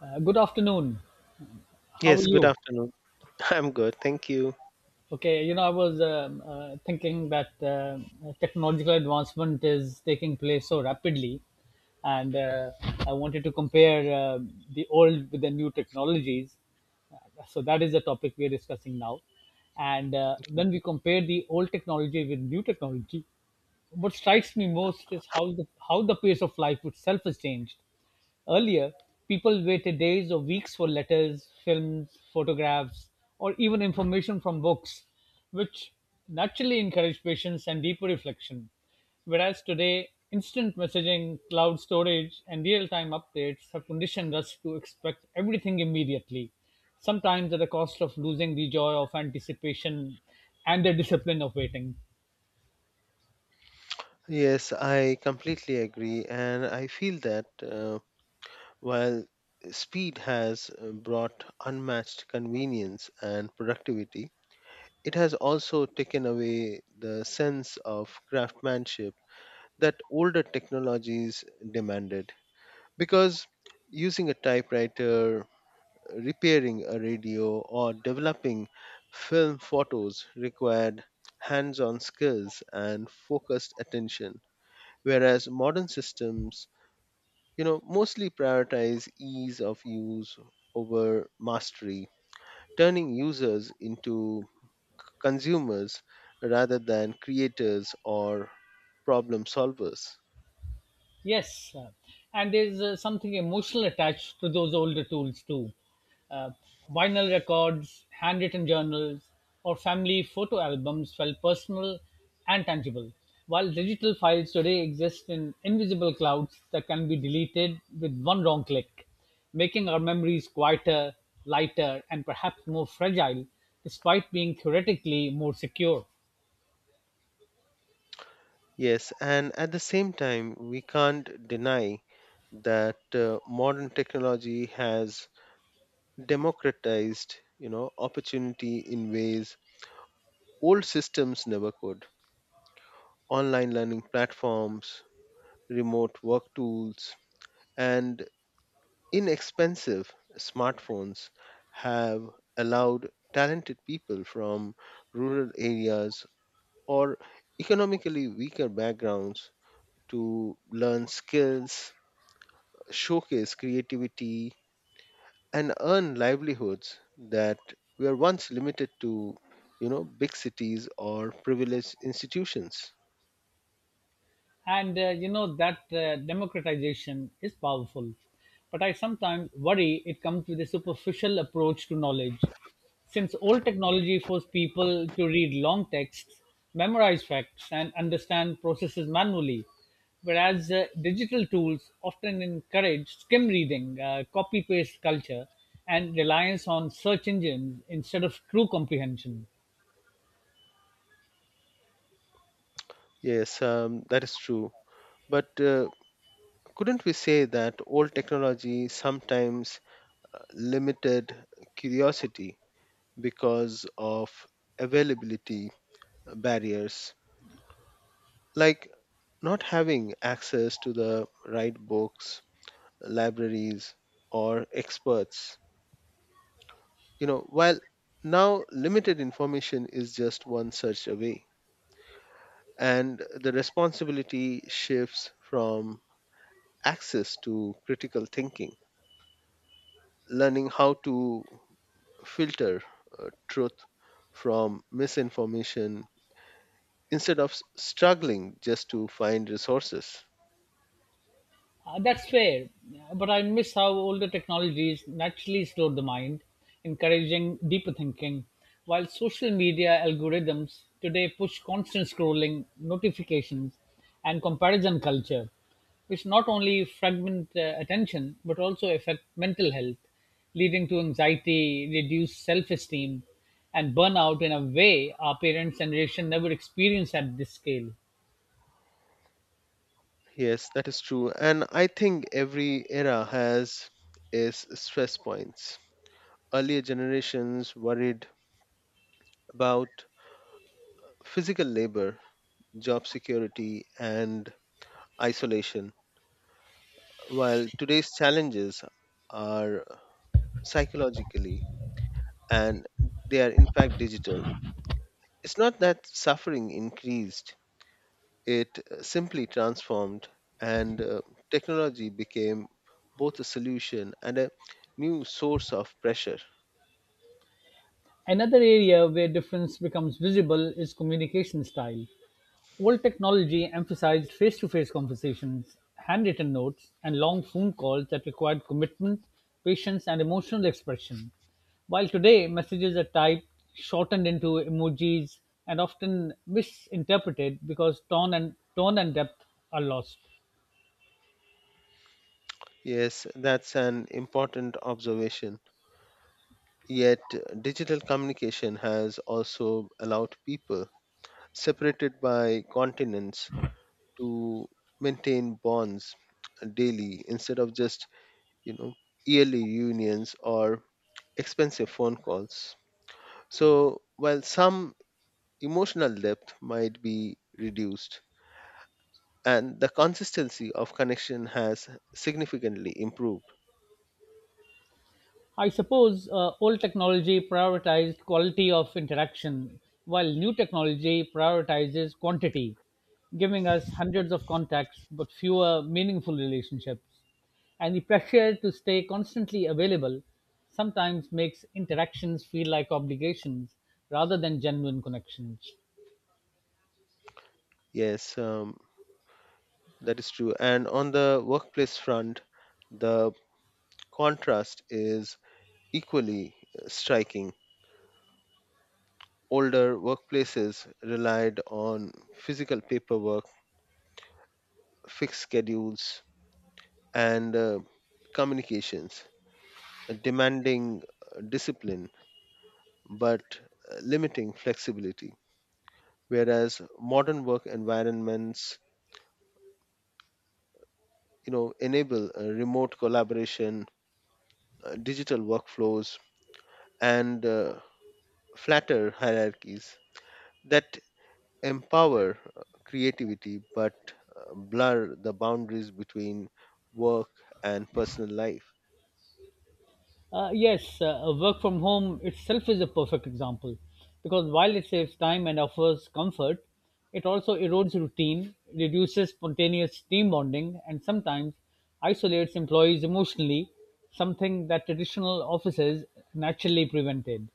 Good afternoon. How are Yes, good you? afternoon. I'm good, thank you. Okay, you know, I was thinking that technological advancement is taking place so rapidly, and I wanted to compare the old with the new technologies. So that is the topic we are discussing now. And when we compare the old technology with new technology, what strikes me most is how the pace of life itself has changed. Earlier, people waited days or weeks for letters, films, photographs, or even information from books, which naturally encouraged patience and deeper reflection. Whereas today, instant messaging, cloud storage, and real time updates have conditioned us to expect everything immediately, sometimes at the cost of losing the joy of anticipation and the discipline of waiting. Yes, I completely agree, and I feel that while speed has brought unmatched convenience and productivity, it has also taken away the sense of craftsmanship that older technologies demanded. Because using a typewriter repairing a radio, or developing film photos required hands on skills and focused attention, whereas modern systems you know mostly prioritize ease of use over mastery turning users into consumers rather than creators or problem solvers. Yes, and there's something emotional attached to those older tools too. Uh, Vinyl records, handwritten journals, or family photo albums felt personal and tangible, while digital files today exist in invisible clouds that can be deleted with one wrong click, making our memories quieter, lighter, and perhaps more fragile, despite being theoretically more secure. Yes, and at the same time we can't deny that modern technology has democratized, you know, opportunity in ways old systems never could. Online learning platforms, remote work tools, and inexpensive smartphones have allowed talented people from rural areas or economically weaker backgrounds to learn skills, showcase creativity, and earn livelihoods that were once limited to, you know, big cities or privileged institutions. And you know that democratization is powerful but I sometimes worry it comes with a superficial approach to knowledge, since old technology forced people to read long texts, memorize facts, and understand processes manually, whereas digital tools often encourage skim reading, copy paste culture, and reliance on search engines instead of true comprehension. Yes. That is true, but couldn't we say that old technology sometimes limited curiosity because of availability barriers, like not having access to the right books, libraries, or experts? You know, while now limited information is just one search away, and the responsibility shifts from access to critical thinking, learning how to filter truth from misinformation instead of struggling just to find resources. That's fair. But I miss how older technologies naturally slowed the mind, encouraging deeper thinking, while social media algorithms today push constant scrolling, notifications, and comparison culture, which not only fragment attention but also affect mental health, leading to anxiety, reduced self esteem, and burnout in a way our parents' generation never experienced at this scale. Yes, that is true, and I think every era has its stress points. Earlier generations worried about physical labor, job security, and isolation. While today's challenges are psychologically and they are in fact digital, it's not that suffering increased, it simply transformed, and technology became both a solution and a new source of pressure. Another area where difference becomes visible is communication style. Old technology emphasized face-to-face conversations, handwritten notes, and long phone calls that required commitment, patience, and emotional expression. While today messages are typed, shortened into emojis, and often misinterpreted because tone and depth are lost. Yes, that's an important observation. Yet, digital communication has also allowed people separated by continents to maintain bonds daily instead of just, you know, yearly unions or expensive phone calls. So while some emotional depth might be reduced, and the consistency of connection has significantly improved. I suppose old technology prioritized quality of interaction, while new technology prioritizes quantity, giving us hundreds of contacts but fewer meaningful relationships. And the pressure to stay constantly available sometimes makes interactions feel like obligations rather than genuine connections. Yes. That is true, and on the workplace front the contrast is equally striking. Older workplaces relied on physical paperwork, fixed schedules, and communications, demanding discipline but limiting flexibility. Whereas modern work environments, you know, enable remote collaboration, digital workflows, and flatter hierarchies that empower creativity but blur the boundaries between work and personal life. Yes, work from home itself is a perfect example because while it saves time and offers comfort, it also erodes routine, reduces spontaneous team bonding, and sometimes isolates employees emotionally, something that traditional offices naturally prevented.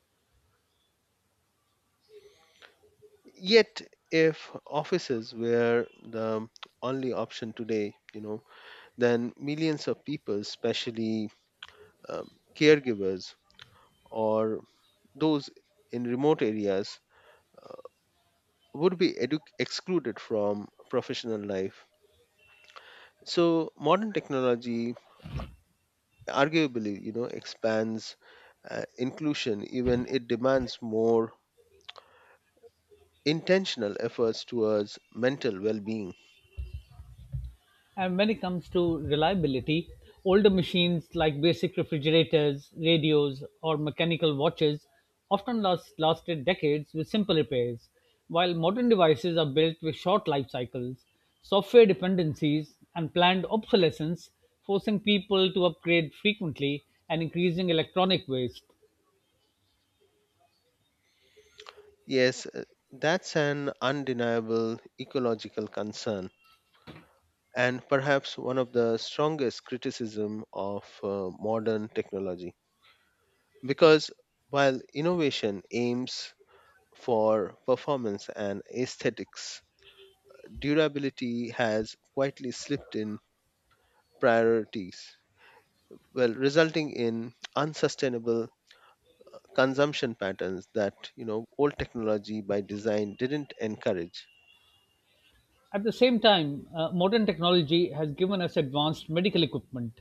Yet, if offices were the only option today, you know, then millions of people, especially um, caregivers or those in remote areas, would be excluded from professional life. So, modern technology arguably, you know, expands inclusion, even it demands more intentional efforts towards mental well being. And when it comes to reliability, older machines like basic refrigerators, radios, or mechanical watches often lasted decades with simple repairs, while modern devices are built with short life cycles, software dependencies, and planned obsolescence, forcing people to upgrade frequently and increasing electronic waste. Yes, that's an undeniable ecological concern and perhaps one of the strongest criticism of modern technology, because while innovation aims for performance and aesthetics, durability has quietly slipped in priorities, well resulting in unsustainable consumption patterns that, you know, old technology by design didn't encourage. At the same time, modern technology has given us advanced medical equipment,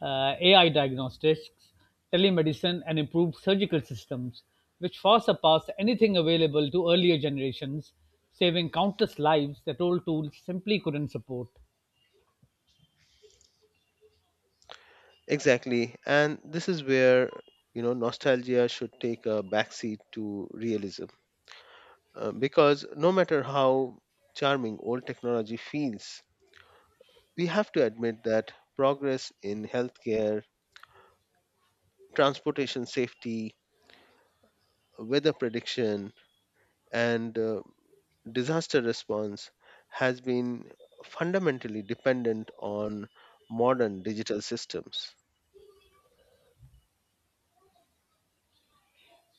AI diagnostics, telemedicine, and improved surgical systems, which far surpass anything available to earlier generations, saving countless lives that old tools simply couldn't support. Exactly. And this is where, you know, nostalgia should take a backseat to realism. Because no matter how charming old technology feels, we have to admit that progress in healthcare, transportation safety, weather prediction, and disaster response has been fundamentally dependent on modern digital systems.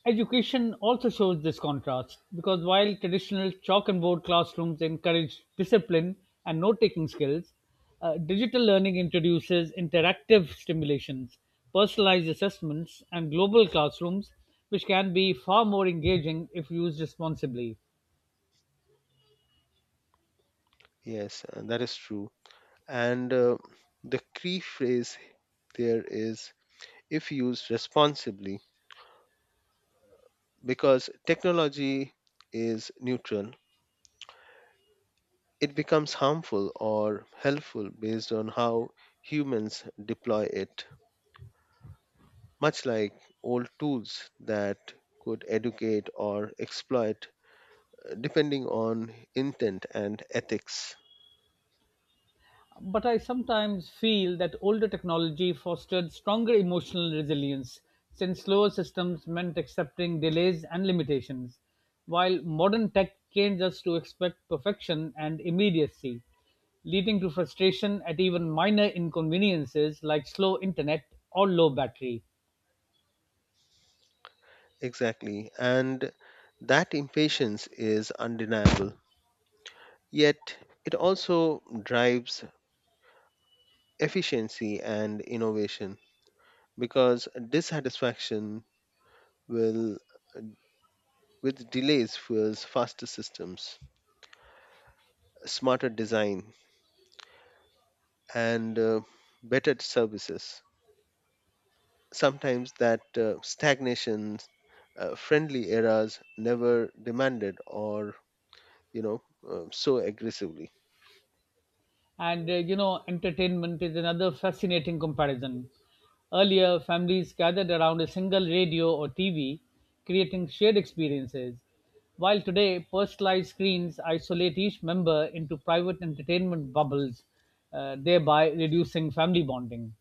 Education also shows this contrast because while traditional chalk and board classrooms encourage discipline and note taking skills, digital learning introduces interactive stimulations, personalized assessments, and global classrooms, which can be far more engaging if used responsibly. Yes, that is true. And the key phrase there is if used responsibly, because technology is neutral. It becomes harmful or helpful based on how humans deploy it, much like old tools that could educate or exploit depending on intent and ethics. But I sometimes feel that older technology fostered stronger emotional resilience, since slower systems meant accepting delays and limitations, while modern tech trains us to expect perfection and immediacy, leading to frustration at even minor inconveniences like slow internet or low battery. Exactly. And that impatience is undeniable. Yet it also drives efficiency and innovation, because dissatisfaction will with delays fuels faster systems, smarter design, and better services. Sometimes that stagnation, friendly eras never demanded or, you know, so aggressively. And you know, entertainment is another fascinating comparison. Earlier, families gathered around a single radio or TV, creating shared experiences. While today, personalized screens isolate each member into private entertainment bubbles, thereby reducing family bonding.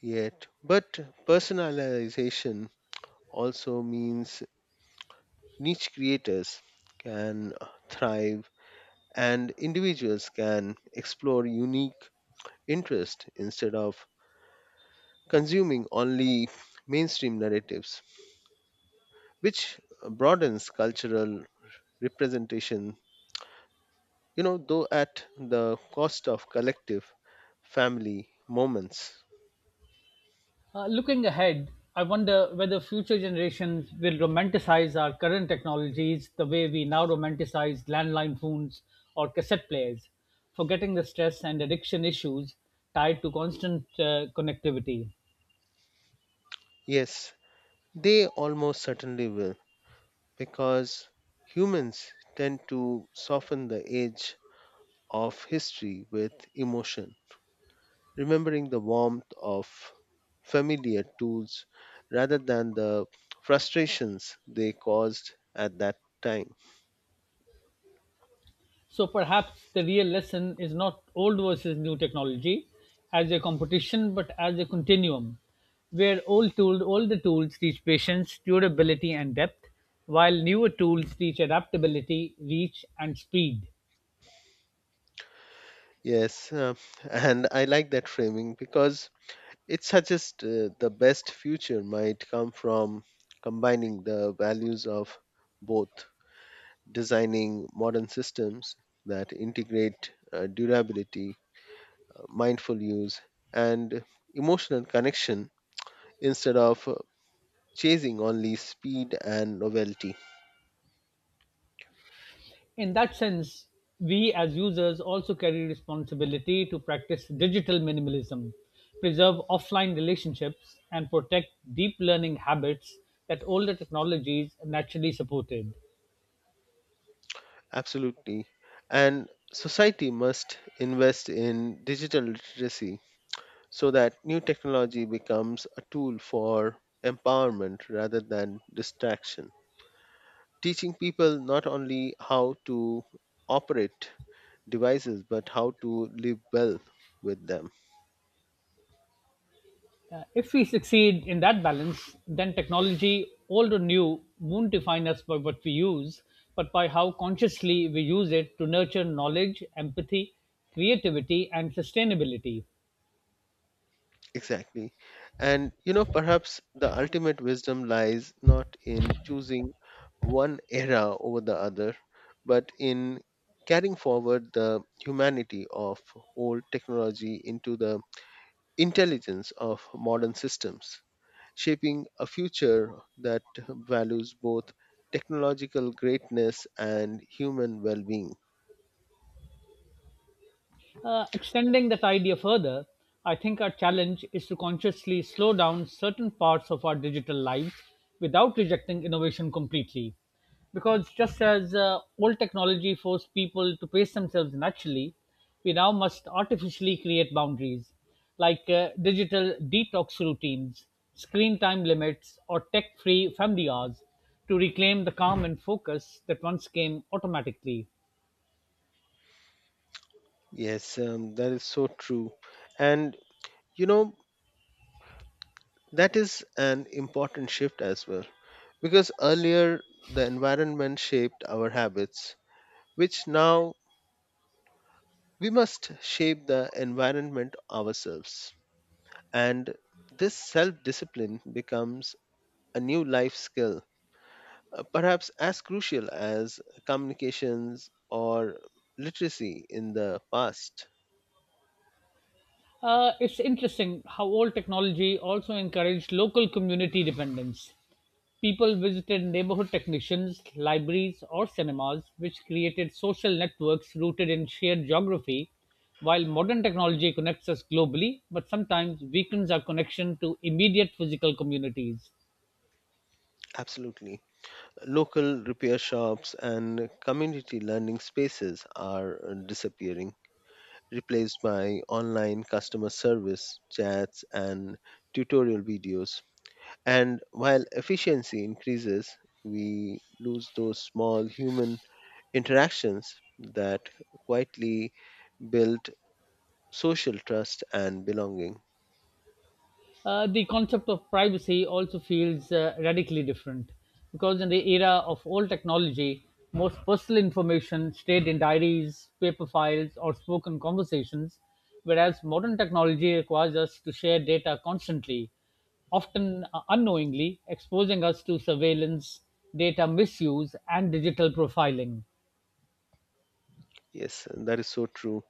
Yet. But personalization also means niche creators can thrive, and individuals can explore unique interest instead of consuming only mainstream narratives, which broadens cultural representation, you know, though at the cost of collective family moments. Looking ahead, I wonder whether future generations will romanticize our current technologies the way we now romanticize landline phones or cassette players, forgetting the stress and addiction issues tied to constant connectivity. Yes, they almost certainly will, because humans tend to soften the edge of history with emotion, remembering the warmth of familiar tools rather than the frustrations they caused at that time. So perhaps the real lesson is not old versus new technology as a competition, but as a continuum, where older tools teach patience, durability, and depth, while newer tools teach adaptability, reach, and speed. Yes, and I like that framing because it suggests the best future might come from combining the values of both, designing modern systems that integrate durability, mindful use, and emotional connection instead of chasing only speed and novelty. In that sense, we as users also carry responsibility to practice digital minimalism, preserve offline relationships, and protect deep learning habits that older technologies naturally supported. Absolutely. And society must invest in digital literacy so that new technology becomes a tool for empowerment rather than distraction. Teaching people not only how to operate devices but how to live well with them. If we succeed in that balance, then technology, old or new, won't define us by what we use, but by how consciously we use it to nurture knowledge, empathy, creativity, and sustainability. Exactly. And you know, perhaps the ultimate wisdom lies not in choosing one era over the other, but in carrying forward the humanity of old technology into the intelligence of modern systems, shaping a future that values both technological greatness and human well being. Extending that idea further, I think our challenge is to consciously slow down certain parts of our digital lives without rejecting innovation completely. Because just as old technology forced people to pace themselves naturally, we now must artificially create boundaries, like digital detox routines, screen time limits, or tech free family hours, to reclaim the calm and focus that once came automatically. Yes. That is so true. And you know, that is an important shift as well. Because earlier the environment shaped our habits, which now we must shape the environment ourselves. And this self discipline becomes a new life skill, perhaps as crucial as communications or literacy in the past. It's interesting how old technology also encouraged local community dependence. People visited neighborhood technicians, libraries, or cinemas, which created social networks rooted in shared geography. While modern technology connects us globally, but sometimes weakens our connection to immediate physical communities. Absolutely. Local repair shops and community learning spaces are disappearing, replaced by online customer service, chats, and tutorial videos. And while efficiency increases, we lose those small human interactions that quietly build social trust and belonging. The concept of privacy also feels radically different because in the era of old technology, most personal information stayed in diaries, paper files, or spoken conversations, whereas modern technology requires us to share data constantly, often unknowingly, exposing us to surveillance, data misuse, and digital profiling. Yes, that is so true.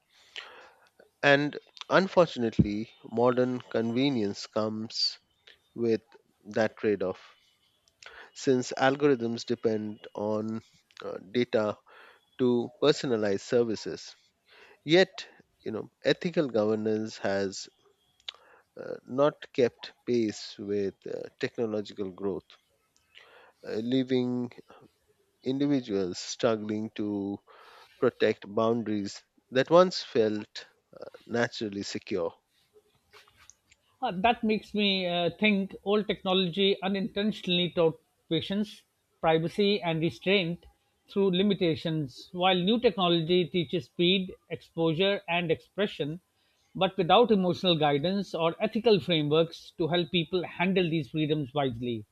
And unfortunately, modern convenience comes with that trade off. Since algorithms depend on data to personalize services, yet, you know, ethical governance has not kept pace with technological growth, leaving individuals struggling to protect boundaries that once felt naturally secure. That makes me think old technology unintentionally taught patience, privacy, and restraint through limitations, while new technology teaches speed, exposure, and expression, but without emotional guidance or ethical frameworks to help people handle these freedoms wisely.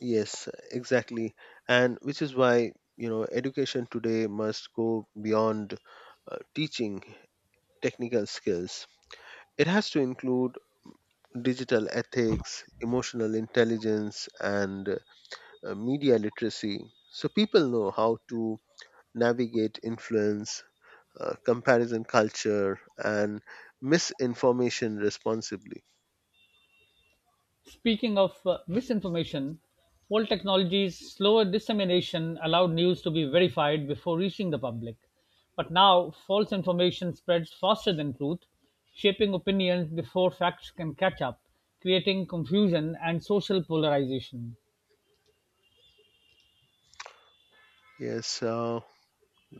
Yes, exactly. And which is why, you know, education today must go beyond teaching technical skills. It has to include digital ethics, emotional intelligence, and media literacy. So people know how to navigate influence, comparison culture, and misinformation responsibly. Speaking of misinformation, old technology's slower dissemination allowed news to be verified before reaching the public. But now, false information spreads faster than truth, shaping opinions before facts can catch up, creating confusion and social polarization. Yes,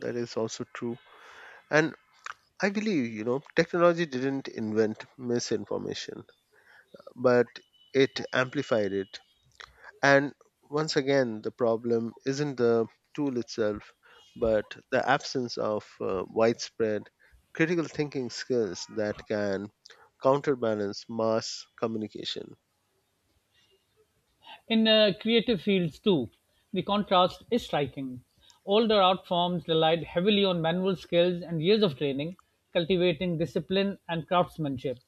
that is also true. And I believe, you know, technology didn't invent misinformation, but it amplified it. And once again, the problem isn't the tool itself, but the absence of widespread critical thinking skills that can counterbalance mass communication. In creative fields, too, the contrast is striking. Older art forms relied heavily on manual skills and years of training, cultivating discipline and craftsmanship,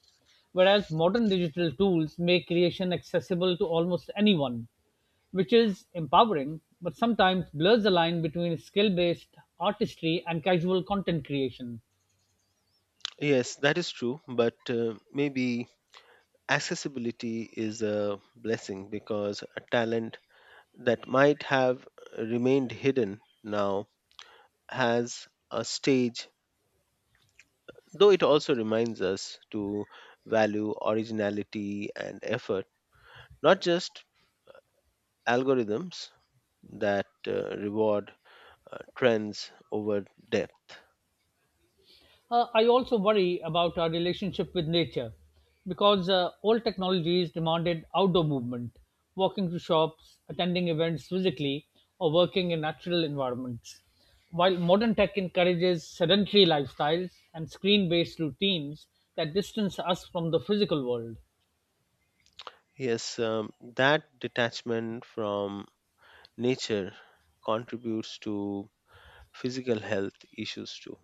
whereas modern digital tools make creation accessible to almost anyone, which is empowering but sometimes blurs the line between skill based artistry and casual content creation. Yes, that is true, but maybe accessibility is a blessing, because a talent that might have remained hidden now has a stage, though it also reminds us to value originality and effort, not just algorithms that reward trends over depth. I also worry about our relationship with nature because old technologies demanded outdoor movement, walking to shops, attending events physically, or working in natural environments. While modern tech encourages sedentary lifestyles and screen based routines that distance us from the physical world. Yes. That detachment from nature contributes to physical health issues too,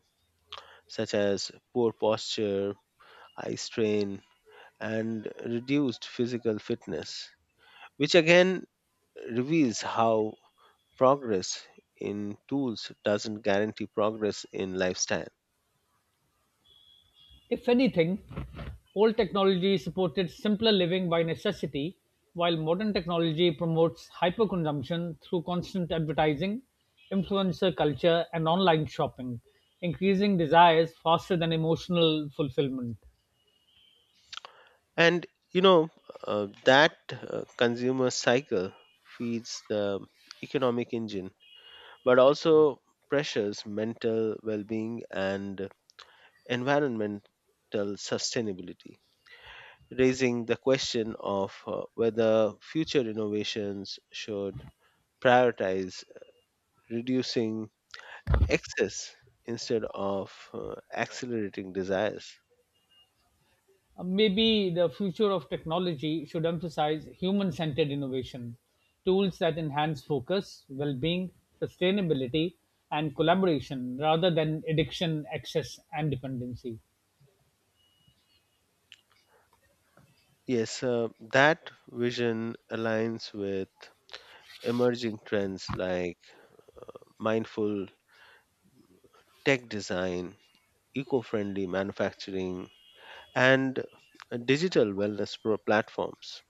such as poor posture, eye strain, and reduced physical fitness, which again reveals how progress in tools doesn't guarantee progress in lifestyle. If anything, old technology supported simpler living by necessity, while modern technology promotes hyperconsumption through constant advertising, influencer culture, and online shopping, increasing desires faster than emotional fulfillment. And you know, that consumer cycle feeds the economic engine, but also pressures mental well being and environmental sustainability, raising the question of whether future innovations should prioritize reducing excess instead of accelerating desires. Maybe the future of technology should emphasize human centered innovation, tools that enhance focus, well being, sustainability, and collaboration rather than addiction, excess, and dependency. Yes, that vision aligns with emerging trends like mindful tech design, eco friendly manufacturing, and digital wellness platforms,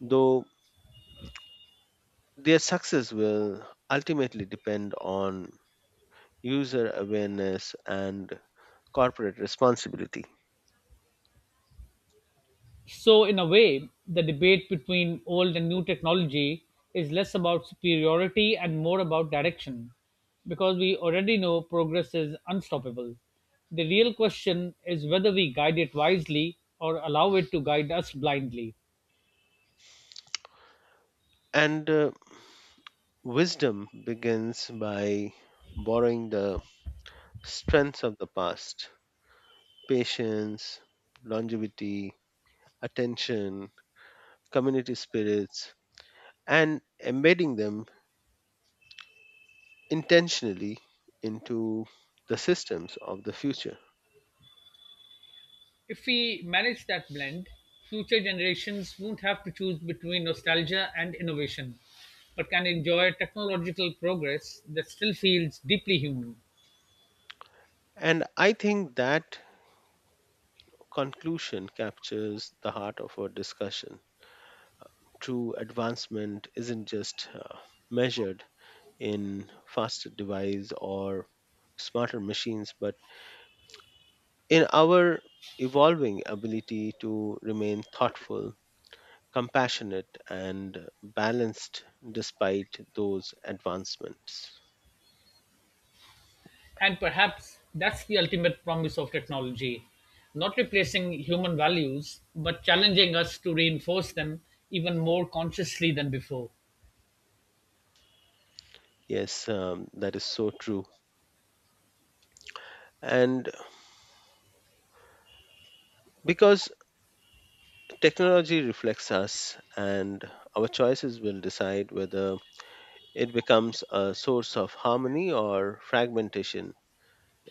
though their success will ultimately depend on user awareness and corporate responsibility. So, in a way, the debate between old and new technology is less about superiority and more about direction, because we already know progress is unstoppable. The real question is whether we guide it wisely or allow it to guide us blindly. And wisdom begins by borrowing the strengths of the past: patience, longevity, attention, community spirits, and embedding them intentionally into the systems of the future. If we manage that blend, future generations won't have to choose between nostalgia and innovation, but can enjoy technological progress that still feels deeply human. And I think that conclusion captures the heart of our discussion. True advancement isn't just measured in faster device or smarter machines, but in our evolving ability to remain thoughtful, compassionate, and balanced despite those advancements. And perhaps that's the ultimate promise of technology, not replacing human values, but challenging us to reinforce them even more consciously than before. Yes. That is so true. And because technology reflects us, and our choices will decide whether it becomes a source of harmony or fragmentation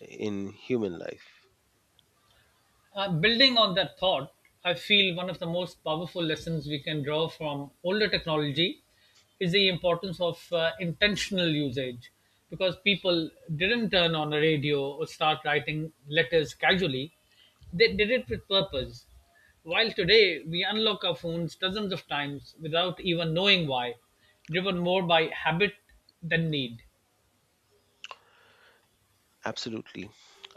in human life. Building on that thought, I feel one of the most powerful lessons we can draw from older technology is the importance of intentional usage, because people didn't turn on a radio or start writing letters casually, they did it with purpose. While today we unlock our phones dozens of times without even knowing why, driven more by habit than need. Absolutely,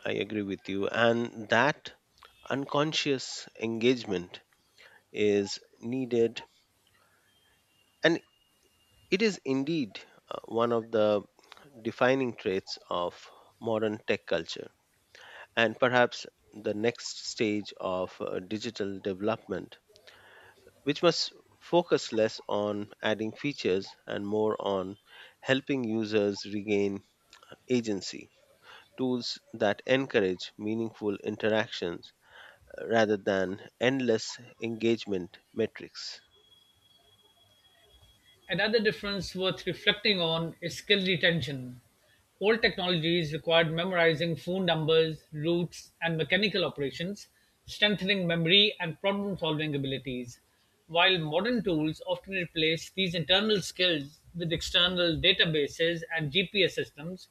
I agree with you. And that unconscious engagement is needed, and it is indeed one of the defining traits of modern tech culture. And perhaps the next stage of digital development, which must focus less on adding features and more on helping users regain agency. Tools that encourage meaningful interactions rather than endless engagement metrics. Another difference worth reflecting on is skill retention. Old technologies required memorizing phone numbers, routes, and mechanical operations, strengthening memory and problem solving abilities, while modern tools often replace these internal skills with external databases and GPS systems,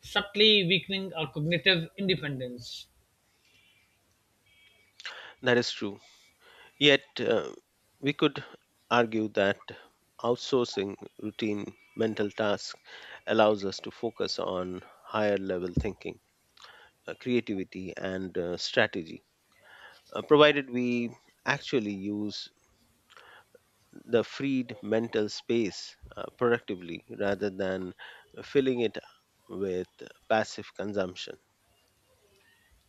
subtly weakening our cognitive independence. That is true. Yet, we could argue that outsourcing routine mental tasks allows us to focus on higher level thinking, creativity, and strategy, provided we actually use the freed mental space productively rather than filling it with passive consumption.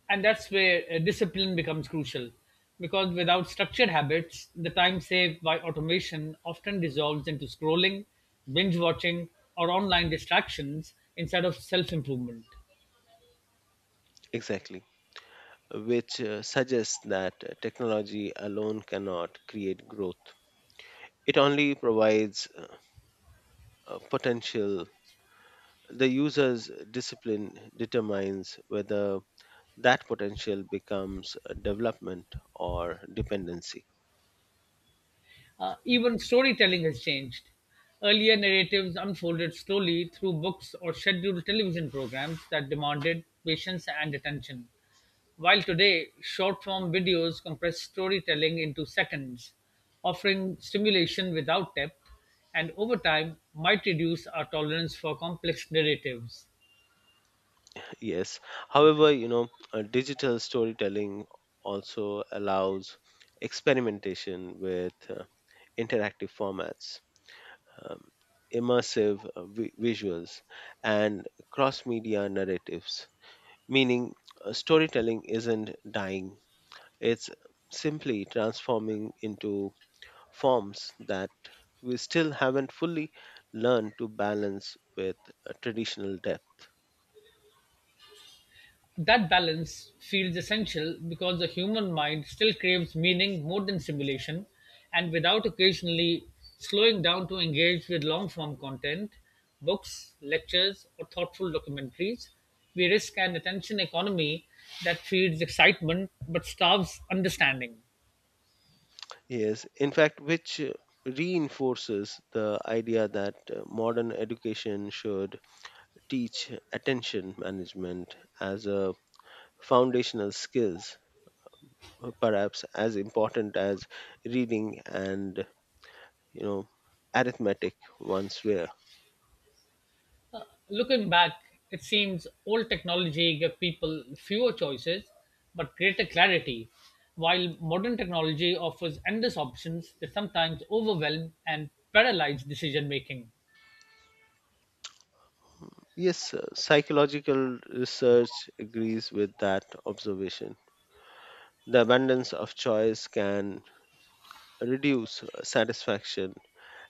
And that's where discipline becomes crucial, because without structured habits the time saved by automation often dissolves into scrolling, binge watching, or online distractions instead of self improvement. Exactly, which suggests that technology alone cannot create growth. It only provides a potential. The user's discipline determines whether that potential becomes a development or dependency. Even storytelling has changed. Earlier narratives unfolded slowly through books or scheduled television programs that demanded patience and attention. While today, short form videos compress storytelling into seconds, offering stimulation without depth, and over time might reduce our tolerance for complex narratives. Yes. However, you know, digital storytelling also allows experimentation with interactive formats, um, immersive visuals, and cross media narratives, meaning storytelling isn't dying, it's simply transforming into forms that we still haven't fully learned to balance with traditional depth. That balance feels essential because the human mind still craves meaning more than simulation, and without occasionally slowing down to engage with long form content, books, lectures, or thoughtful documentaries, we risk an attention economy that feeds excitement but starves understanding. Yes, in fact, which reinforces the idea that modern education should teach attention management as a foundational skills, perhaps as important as reading and, you know, arithmetic once were. Looking back, it seems old technology gave people fewer choices but greater clarity, while modern technology offers endless options that sometimes overwhelm and paralyze decision making. Hmm. Yes, psychological research agrees with that observation. The abundance of choice can reduce satisfaction,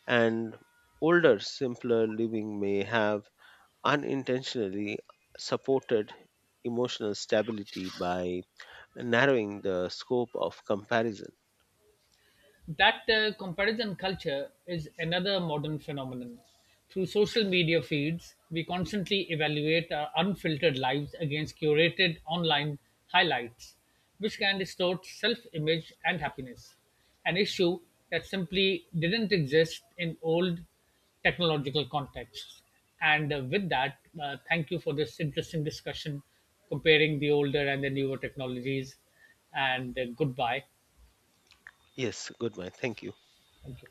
and older, simpler living may have unintentionally supported emotional stability by narrowing the scope of comparison. That comparison culture is another modern phenomenon. Through social media feeds, we constantly evaluate our unfiltered lives against curated online highlights, which can distort self image and happiness, an issue that simply didn't exist in old technological contexts. And with that, thank you for this interesting discussion comparing the older and the newer technologies. And goodbye. Yes, good man. Thank you. Thank you.